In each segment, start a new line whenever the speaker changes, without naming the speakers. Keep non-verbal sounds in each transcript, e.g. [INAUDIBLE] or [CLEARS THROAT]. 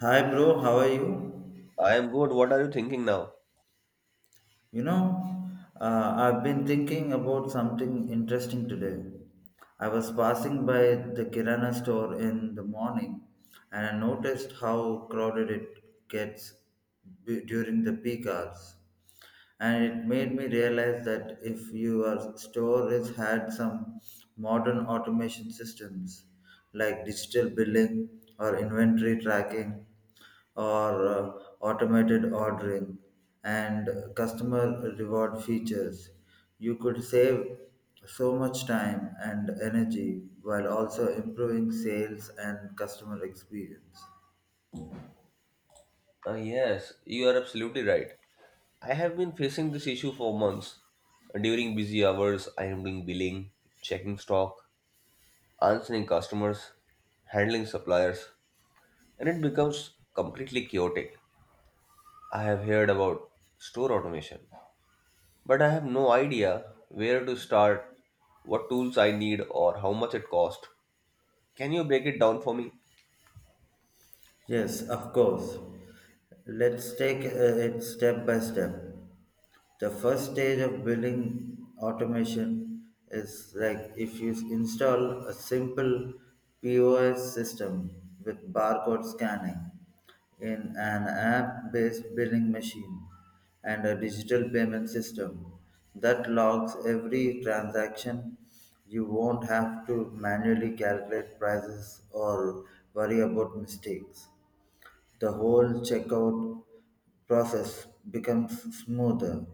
Hi, bro. How are you?
I am good. What are you thinking now?
You know, I've been thinking about something interesting today. I was passing by the Kirana store in the morning and I noticed how crowded it gets during the peak hours. And it made me realize that if your store storage had some modern automation systems like digital billing or inventory tracking or automated ordering and customer reward features, you could save so much time and energy while also improving sales and customer experience.
Yes, you are absolutely right. I have been facing this issue for months. During busy hours, I am doing billing, checking stock, answering customers, handling suppliers, and it becomes completely chaotic. I have heard about store automation, but I have no idea where to start, what tools I need, or how much it costs. Can you break it down for me?
Yes, of course. Let's take it step by step. The first stage of building automation is like if you install a simple POS system with barcode scanning in an app based billing machine and a digital payment system that logs every transaction. You won't have to manually calculate prices or worry about mistakes. The whole checkout process becomes smoother,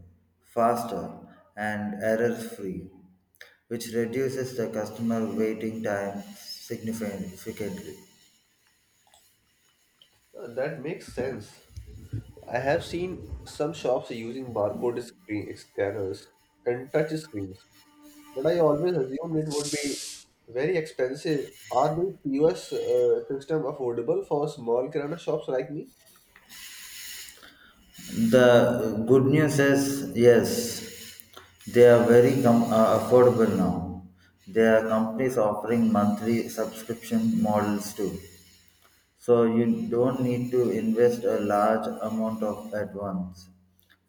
faster, and error free, which reduces the customer waiting time significantly.
That makes sense. I have seen some shops using barcode screen scanners and touch screens, but I always assumed it would be very expensive. Are these POS system affordable for small kirana shops like me?
The good news is yes, they are very affordable now. There are companies offering monthly subscription models too, so you don't need to invest a large amount of at once.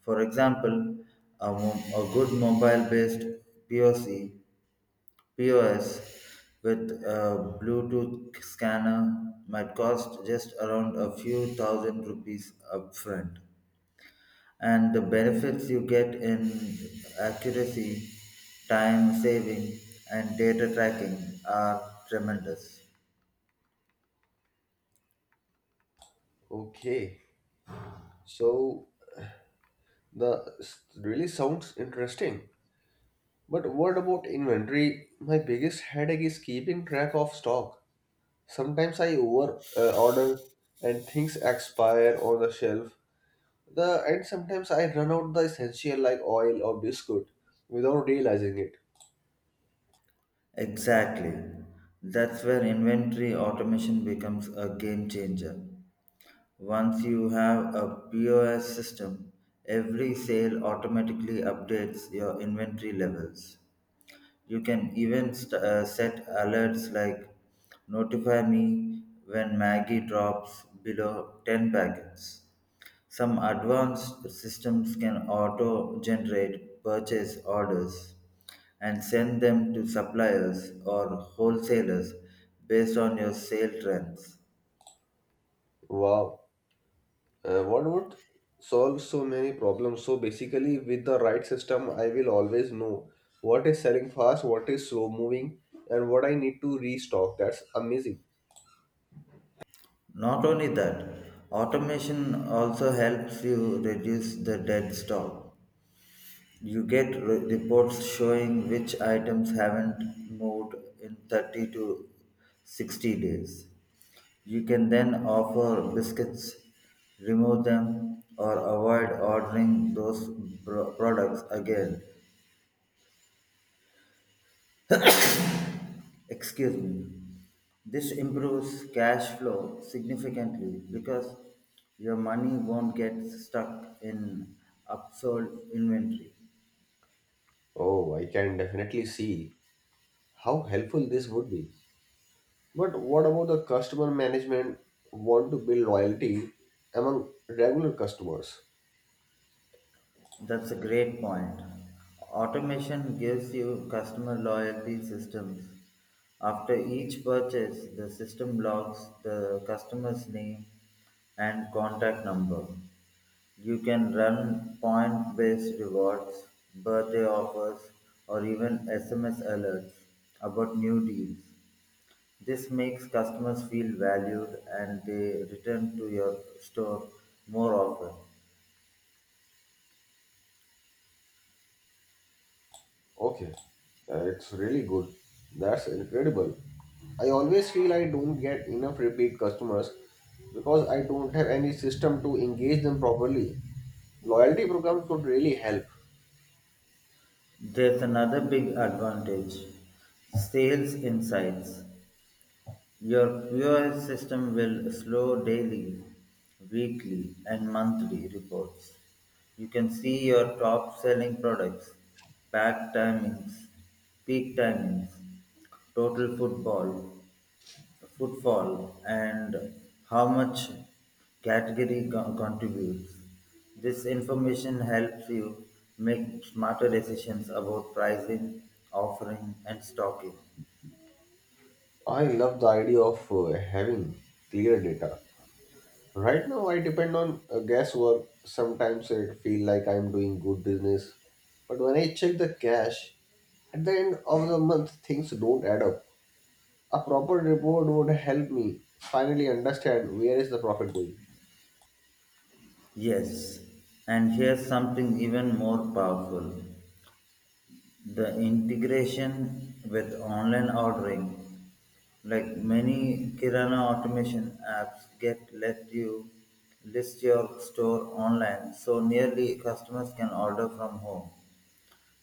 For example, a good mobile-based POC POS with a Bluetooth scanner might cost just around a few thousand rupees upfront. And the benefits you get in accuracy, time saving, and data tracking are tremendous.
Okay, so the really sounds interesting. But what about inventory? My biggest headache is keeping track of stock. Sometimes I over order and things expire on the shelf. The and sometimes I run out the essential like oil or biscuit without realizing it.
Exactly. That's where inventory automation becomes a game changer. Once you have a POS system, every sale automatically updates your inventory levels. You can even set alerts like notify me when Maggie drops below 10 packets. Some advanced systems can auto generate purchase orders and send them to suppliers or wholesalers based on your sale trends.
Wow, what would solve so many problems? So basically, with the right system, I will always know what is selling fast, what is slow moving, and what I need to restock. That's amazing.
Not only that, automation also helps you reduce the dead stock. You get reports showing which items haven't moved in 30 to 60 days. You can then offer biscuits, remove them, or avoid ordering those products again. Excuse me. This improves cash flow significantly because your money won't get stuck in upsold inventory.
Oh, I can definitely see how helpful this would be. But what about the customer management? Want to build loyalty among regular customers?
That's a great point. Automation gives you customer loyalty systems. After each purchase, the system logs the customer's name and contact number. You can run point based rewards, birthday offers, or even SMS alerts about new deals. This makes customers feel valued and they return to your store more often.
Okay, it's really good. That's incredible. I always feel I don't get enough repeat customers because I don't have any system to engage them properly. Loyalty programs could really help.
There's another big advantage, sales insights. Your QoS system will slow daily, weekly, and monthly reports. You can see your top selling products, pack timings, peak timings, total football, footfall and how much category contributes. This information helps you make smarter decisions about pricing, offering, and stocking.
I love the idea of having clear data. Right now, I depend on guesswork. Sometimes it feel like I'm doing good business, but when I check the cash at the end of the month, things don't add up. A proper report would help me finally understand where is the profit going.
Yes, and here's something even more powerful, the integration with online ordering. Like many Kirana automation apps get let you list your store online so nearly customers can order from home.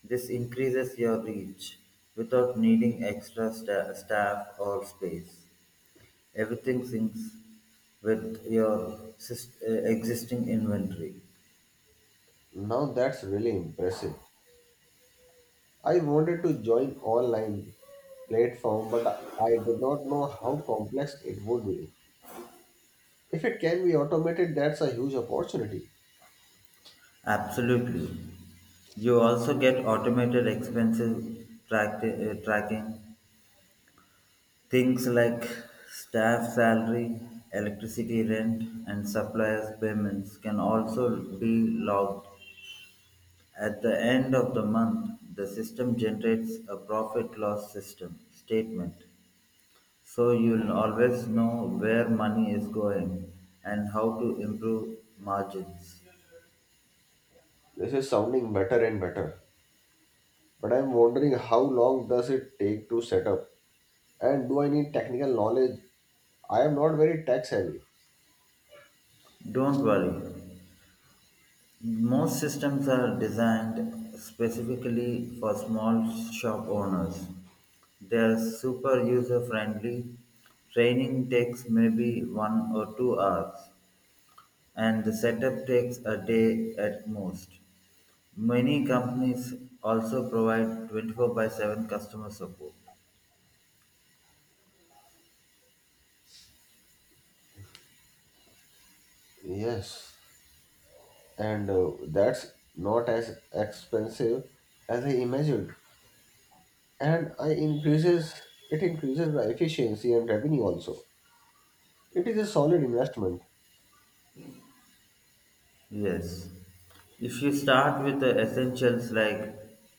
This increases your reach without needing extra staff or space. Everything syncs with your existing inventory.
Now that's really impressive. I wanted to join online platform but I did not know how complex it would be. If it can be automated, that's a huge opportunity.
Absolutely. You also get automated expenses tracking, things like staff salary, electricity rent, and suppliers' payments can also be logged. At the end of the month, the system generates a profit loss system statement. So you'll always know where money is going and how to improve margins.
This is sounding better and better. But I'm wondering how long does it take to set up and do I need technical knowledge? I am not very tech savvy.
Don't worry. Most systems are designed specifically for small shop owners. They are super user friendly. Training takes maybe 1 or 2 hours, and the setup takes a day at most. Many companies also provide 24 by 7 customer support.
Yes. And that's not as expensive as I imagined. And I increases it increases the efficiency and revenue also. It is a solid investment.
Yes. If you start with the essentials like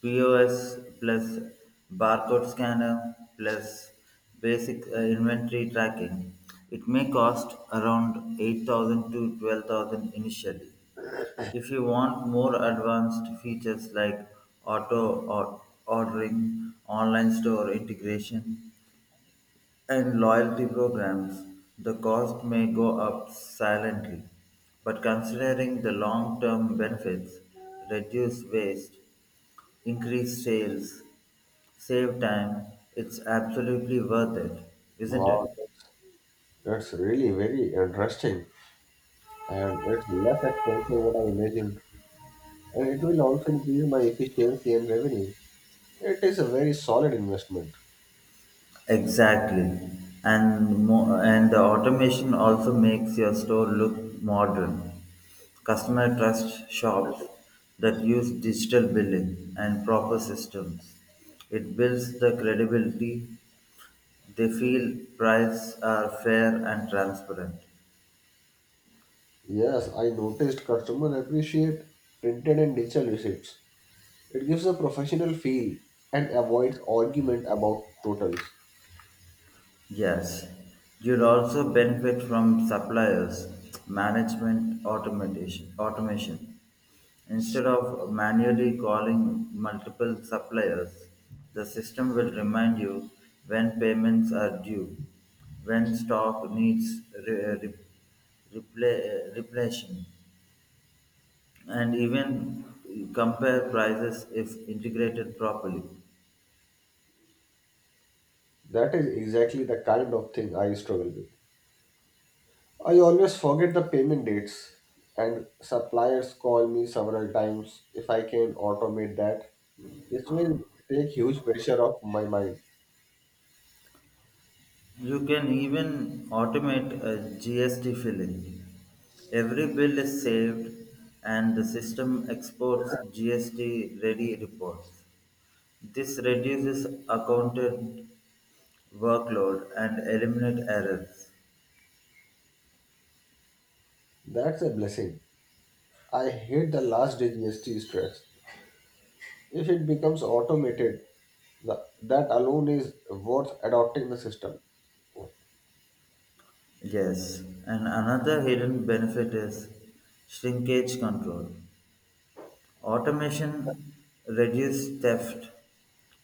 POS plus barcode scanner plus basic inventory tracking, it may cost around 8,000 to 12,000 initially. If you want more advanced features like auto or ordering, online store integration, and loyalty programs, the cost may go up silently, but considering the long term benefits, reduce waste, increase sales, save time, it's absolutely worth it, isn't it?
Wow, that's really very interesting, and it's less expensive what I imagined, and it will also increase my efficiency and revenue. It is a very solid investment.
Exactly, and and the automation also makes your store look modern. Customer trust shops that use digital billing and proper systems. It builds the credibility. They feel prices are fair and transparent.
Yes, I noticed customer appreciate printed and digital receipts. It gives a professional feel and avoids argument about totals.
Yes, you'd also benefit from suppliers management automation. Instead of manually calling multiple suppliers, the system will remind you when payments are due, when stock needs re- re- replenishing, and even compare prices if integrated properly.
That is exactly the kind of thing I struggle with. I always forget the payment dates, and suppliers call me several times if I can automate that. This will take huge pressure off my mind.
You can even automate a GST filling. Every bill is saved and the system exports GST ready reports. This reduces accountant workload and eliminate errors.
That's a blessing. I hate the last day GST stress. If it becomes automated, that alone is worth adopting the system.
Yes, and another hidden benefit is shrinkage control. Automation reduced theft,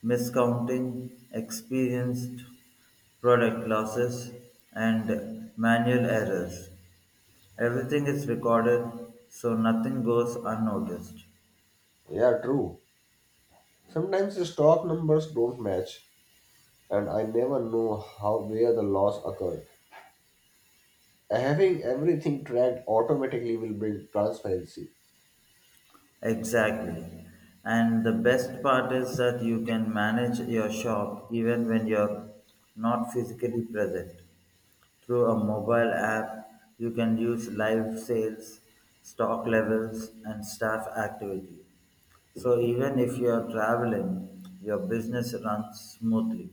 miscounting, experienced product losses, and manual errors. Everything is recorded so nothing goes unnoticed.
Yeah, true. Sometimes the stock numbers don't match, and I never know how where the loss occurred. Having everything tracked automatically will bring transparency.
Exactly. And the best part is that you can manage your shop even when you're not physically present. Through a mobile app, you can use live sales, stock levels, and staff activity. So even if you are traveling, your business runs smoothly.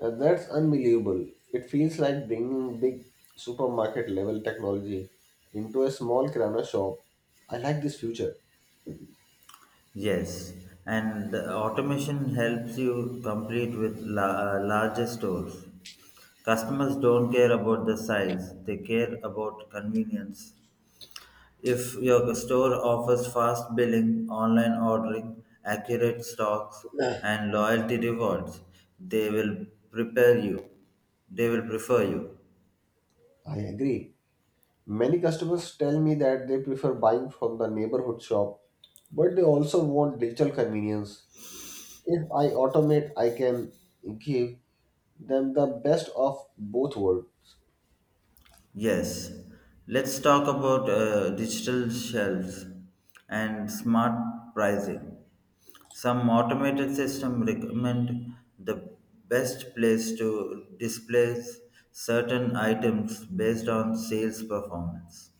And that's unbelievable. It feels like bringing big supermarket level technology into a small kirana shop. I like this future.
Yes, and the automation helps you complete with larger stores. Customers don't care about the size, they care about convenience. If your store offers fast billing, online ordering, accurate stocks,
[SIGHS] I
and loyalty rewards, they will prepare you. They will prefer you.
agree. Many customers tell me that they prefer buying from the neighborhood shop, but they also want digital convenience. If I automate, I can give them the best of both worlds.
Yes, let's talk about digital shelves and smart pricing. Some automated system recommend the best place to display certain items based on sales performance.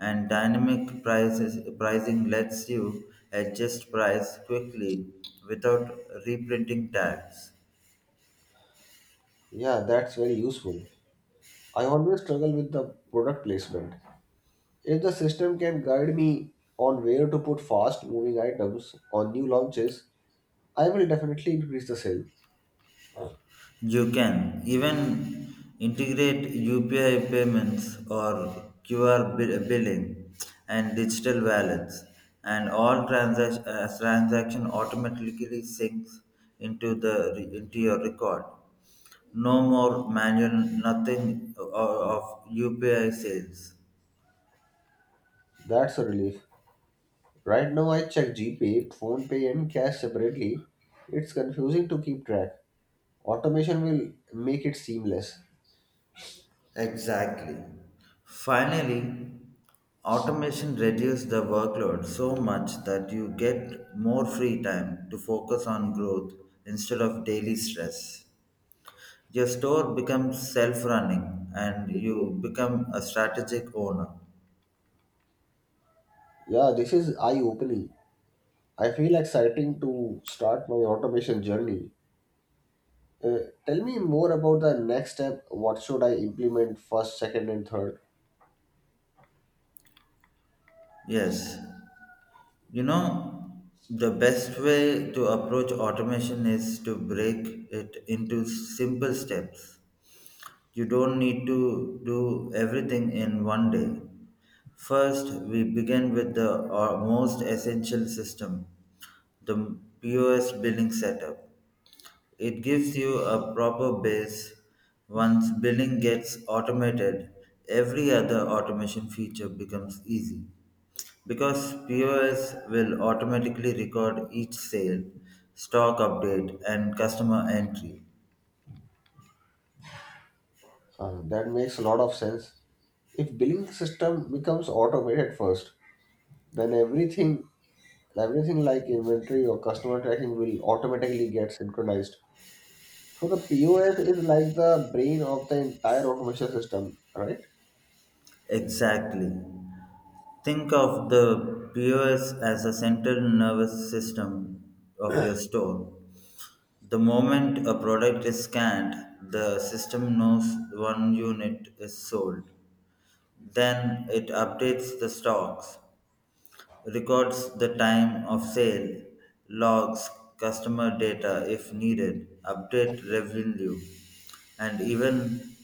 And dynamic pricing lets you adjust price quickly without reprinting tags.
Yeah, that's very useful. I always struggle with the product placement. If the system can guide me on where to put fast moving items on new launches, I will definitely increase the sale.
You can even integrate UPI payments or QR billing and digital wallets, and all transaction automatically syncs into your record. No more manual, nothing of UPI sales.
That's a relief. Right now, I check GPay, PhonePay, and cash separately. It's confusing to keep track. Automation will make it seamless.
Exactly. Finally, automation reduced the workload so much that you get more free time to focus on growth instead of daily stress. Your store becomes self running and you become a strategic owner.
Yeah, this is eye opening. I feel exciting to start my automation journey. Uh, tell me more about the next step. What should I implement first, second, and third?
Yes. You know, the best way to approach automation is to break it into simple steps. You don't need to do everything in one day. First, we begin with the most essential system, the POS billing setup. It gives you a proper base. Once billing gets automated, every other automation feature becomes easy. Because POS will automatically record each sale, stock update, and customer entry.
That makes a lot of sense. If billing system becomes automated first, then everything like inventory or customer tracking will automatically get synchronized. So the POS is like the brain of the entire automation system, right?
Exactly. Think of the POS as a central nervous system of your store. The moment a product is scanned, the system knows one unit is sold. Then it updates the stocks records the time of sale, logs customer data if needed, update revenue, and even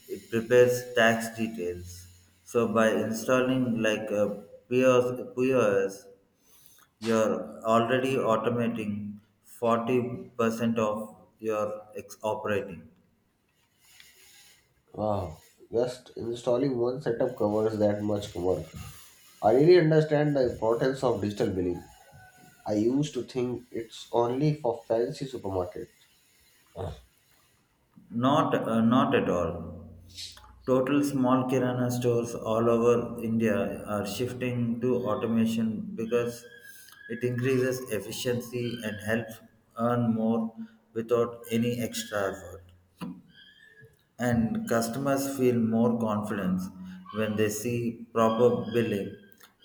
it prepares tax details. So by installing like a POS you're already automating 40% of your operating.
Wow. Just installing one setup covers that much work. I really understand the importance of digital billing. I used to think it's only for fancy supermarkets.
Not at all. Total small kirana stores all over India are shifting to automation because it increases efficiency and helps earn more without any extra effort. And customers feel more confidence when they see proper billing.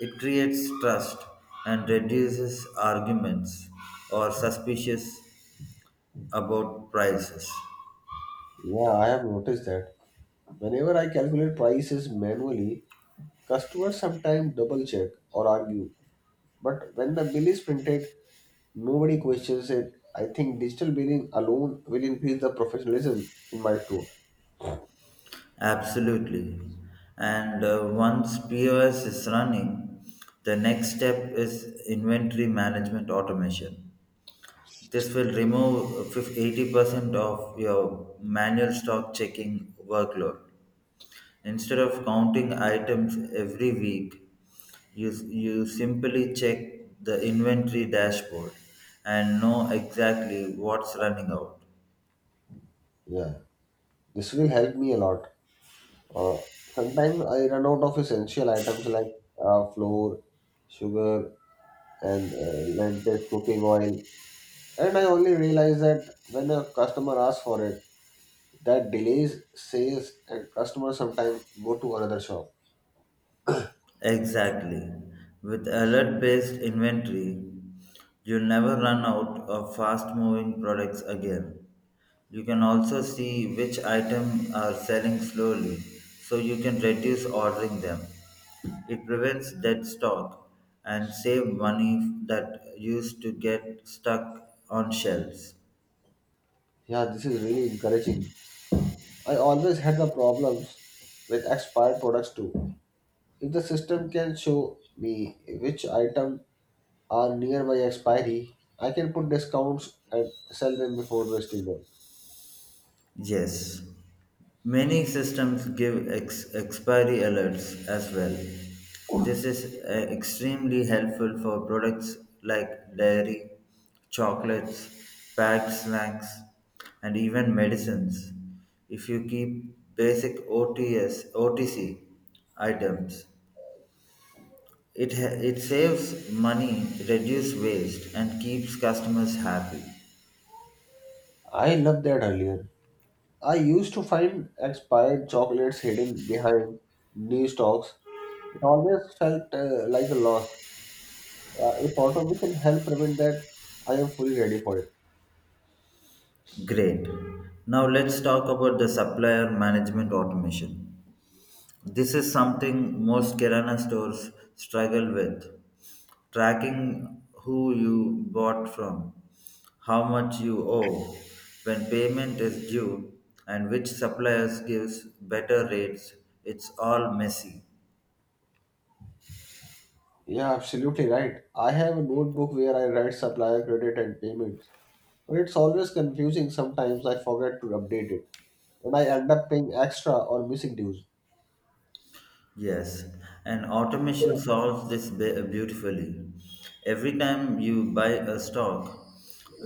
It creates trust and reduces arguments or suspicious about prices.
Yeah, I have noticed that. Whenever I calculate prices manually, customers sometimes double check or argue. But when the bill is printed, nobody questions it. I think digital billing alone will increase the professionalism in my store.
Absolutely. And once POS is running, the next step is inventory management automation. This will remove 80% of your manual stock checking workload. Instead of counting items every week, you simply check the inventory dashboard and know exactly what's running out.
Yeah, this will help me a lot. Uh, Sometimes I run out of essential items like flour, sugar, and lentils, cooking oil. And I only realize that when a customer asks for it, that delays sales and customers sometimes go to another shop.
Exactly. With alert based inventory, you'll never run out of fast moving products again. You can also see which items are selling slowly so you can reduce ordering them. It prevents dead stock and save money that used to get stuck on shelves.
Yeah, this is really encouraging. I always had the problems with expired products too. If the system can show me which item are near my expiry, I can put discounts and sell them before wasting them.
Yes, many systems give expiry alerts as well. This is extremely helpful for products like dairy, chocolates, packed snacks, and even medicines. If you keep basic O T C items, it saves money, reduces waste, and keeps customers happy.
I loved that earlier. I used to find expired chocolates hidden behind new stocks. It always felt like a loss. If autonomy can help prevent that, I am fully ready for it.
Great. Now let's talk about the supplier management automation. This is something most Kirana stores struggle with. Tracking who you bought from, how much you owe, when payment is due, and which suppliers gives better rates, it's all messy.
Yeah, absolutely right. I have a notebook where I write supplier credit and payments, but it's always confusing. Sometimes I forget to update it, and I end up paying extra or missing dues.
Yes, and automation solves this beautifully. Every time you buy a stock,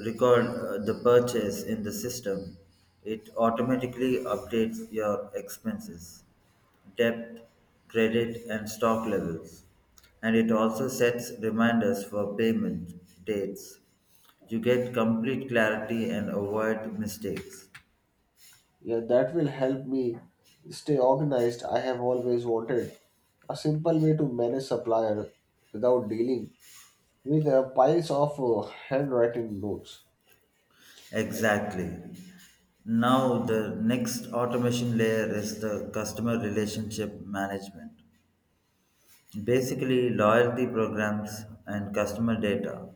record the purchase in the system. It automatically updates your expenses, debt, credit, and stock levels. And it also sets reminders for payment dates. You get complete clarity and avoid mistakes.
Yeah, that will help me stay organized. I have always wanted a simple way to manage suppliers without dealing with piles of handwritten notes.
Exactly. Now, the next automation layer is the customer relationship management. Basically, loyalty programs and customer data.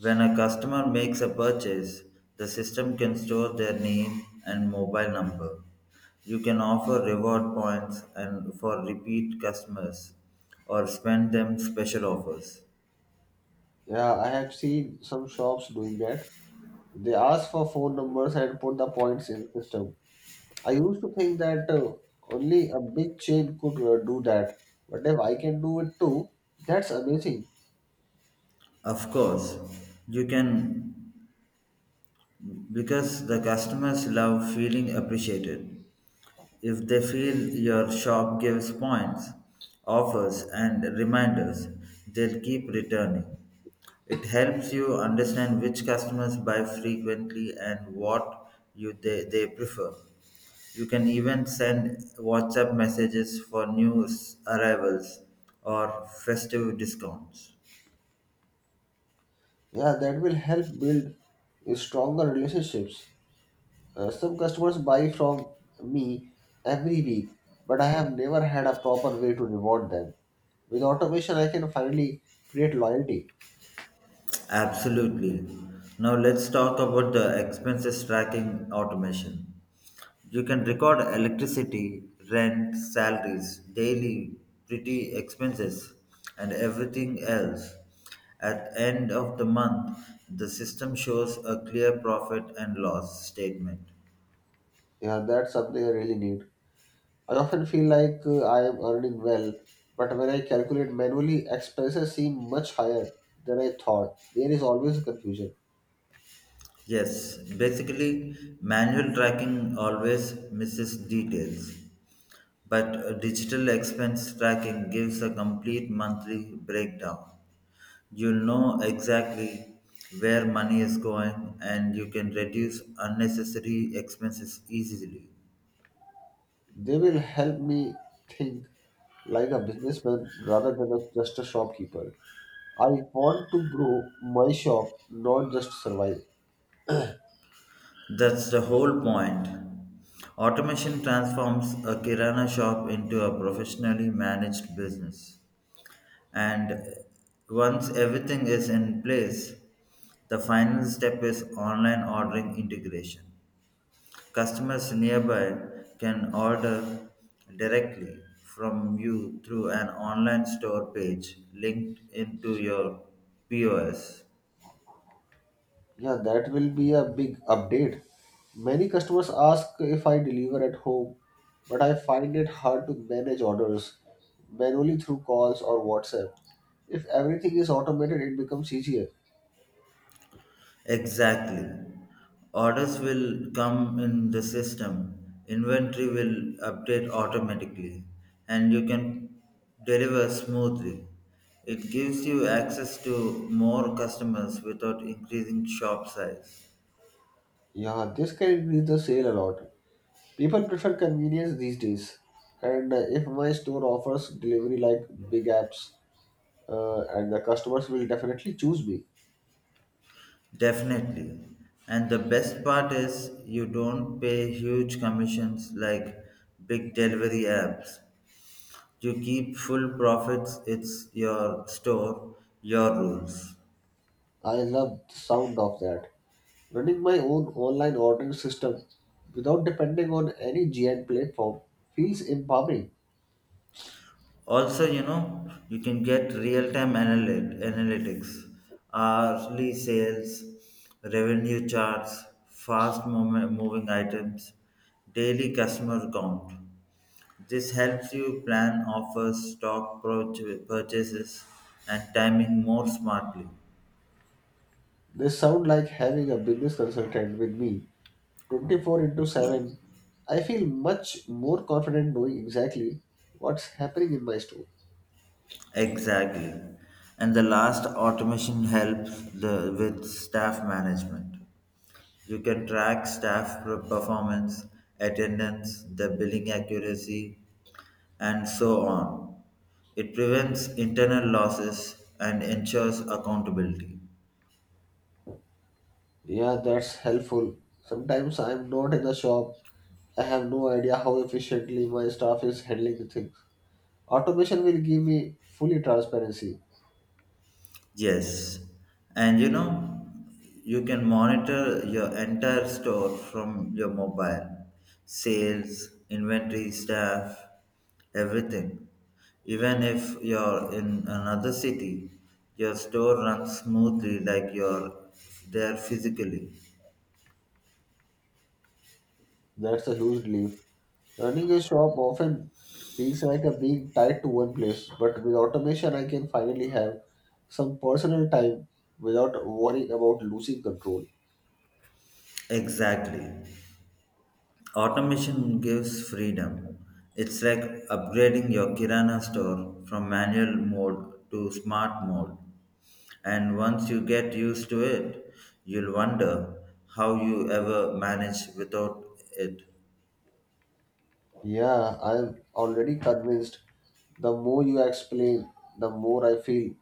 When a customer makes a purchase, the system can store their name and mobile number. You can offer reward points and for repeat customers or spend them special offers.
Yeah, I have seen some shops doing that. They ask for phone numbers and put the points in system. I used to think that only a big chain could do that, but if I can do it too, that's amazing.
Of course, you can because the customers love feeling appreciated. If they feel your shop gives points, offers, and reminders, they'll keep returning. It helps you understand which customers buy frequently and what they prefer. You can even send WhatsApp messages for new arrivals or festive discounts.
Yeah, that will help build stronger relationships. Some customers buy from me every week, but I have never had a proper way to reward them. With automation, I can finally create loyalty.
Absolutely. Now let's talk about the expenses tracking automation. You can record electricity, rent, salaries, daily pretty expenses and everything else. At end of the month, the system shows a clear profit and loss statement.
Yeah, that's something I really need. I often feel like I am earning well, but when I calculate manually, expenses seem much higher than I thought. There is always a confusion.
Yes, basically, manual tracking always misses details, but digital expense tracking gives a complete monthly breakdown. You know exactly where money is going and you can reduce unnecessary expenses easily.
They will help me think like a businessman rather than a, just a shopkeeper. I want to grow my shop, not just survive.
That's the whole point. Automation transforms a kirana shop into a professionally managed business. And once everything is in place, the final step is online ordering integration. Customers nearby can order directly from you through an online store page linked into your POS.
Yeah, that will be a big update. Many customers ask if I deliver at home, but I find it hard to manage orders manually through calls or WhatsApp. If everything is automated, it becomes easier.
Exactly. Orders will come in the system, inventory will update automatically, and you can deliver smoothly. It gives you access to more customers without increasing shop size.
Yeah, this can increase the sale a lot. People prefer convenience these days. And if my store offers delivery like big apps, and the customers will definitely choose me.
Definitely. And the best part is you don't pay huge commissions like big delivery apps. You keep full profits, it's your store, your rules.
I love the sound of that. Running my own online ordering system without depending on any giant platform feels empowering.
Also, you can get real-time analytics hourly sales revenue charts fast movement, moving items daily customer count. This helps you plan offers stock purchases and timing more smartly.
They sound like having a business consultant with me 24/7. I feel much more confident knowing exactly what's happening in my store.
Exactly, and the last automation helps the with staff management. You can track staff performance, attendance, the billing accuracy, and so on. It prevents internal losses and ensures accountability.
Yeah, that's helpful. Sometimes I'm not in the shop. I have no idea how efficiently my staff is handling the things. Automation will give me fully transparency.
Yes, and you can monitor your entire store from your mobile, sales, inventory, staff, everything. Even if you're in another city, your store runs smoothly like you're there physically.
That's a huge relief. Running a shop often feels like a being tied to one place, but with automation, I can finally have some personal time without worrying about losing control.
Exactly. Automation gives freedom. It's like upgrading your Kirana store from manual mode to smart mode. And once you get used to it, you'll wonder how you ever manage without it.
Yeah, I'm already convinced. The more you explain, the more I feel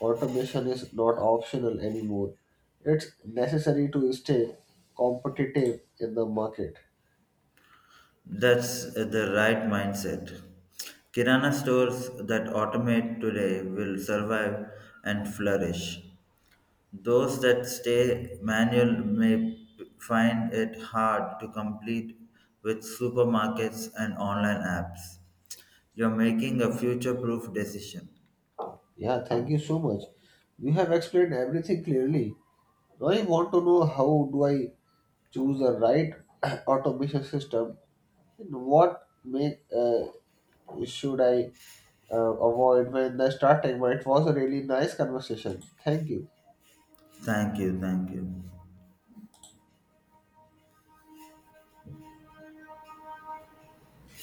automation is not optional anymore. It's necessary to stay competitive in the market.
That's the right mindset. Kirana stores that automate today will survive and flourish. Those that stay manual may find it hard to complete with supermarkets and online apps. You're making a future proof decision.
Yeah, thank you so much. You have explained everything clearly. I want to know how do I choose the right [CLEARS THROAT] automation system and what make should I avoid when I starting. But it was a really nice conversation. Thank you.
Thank you, thank you.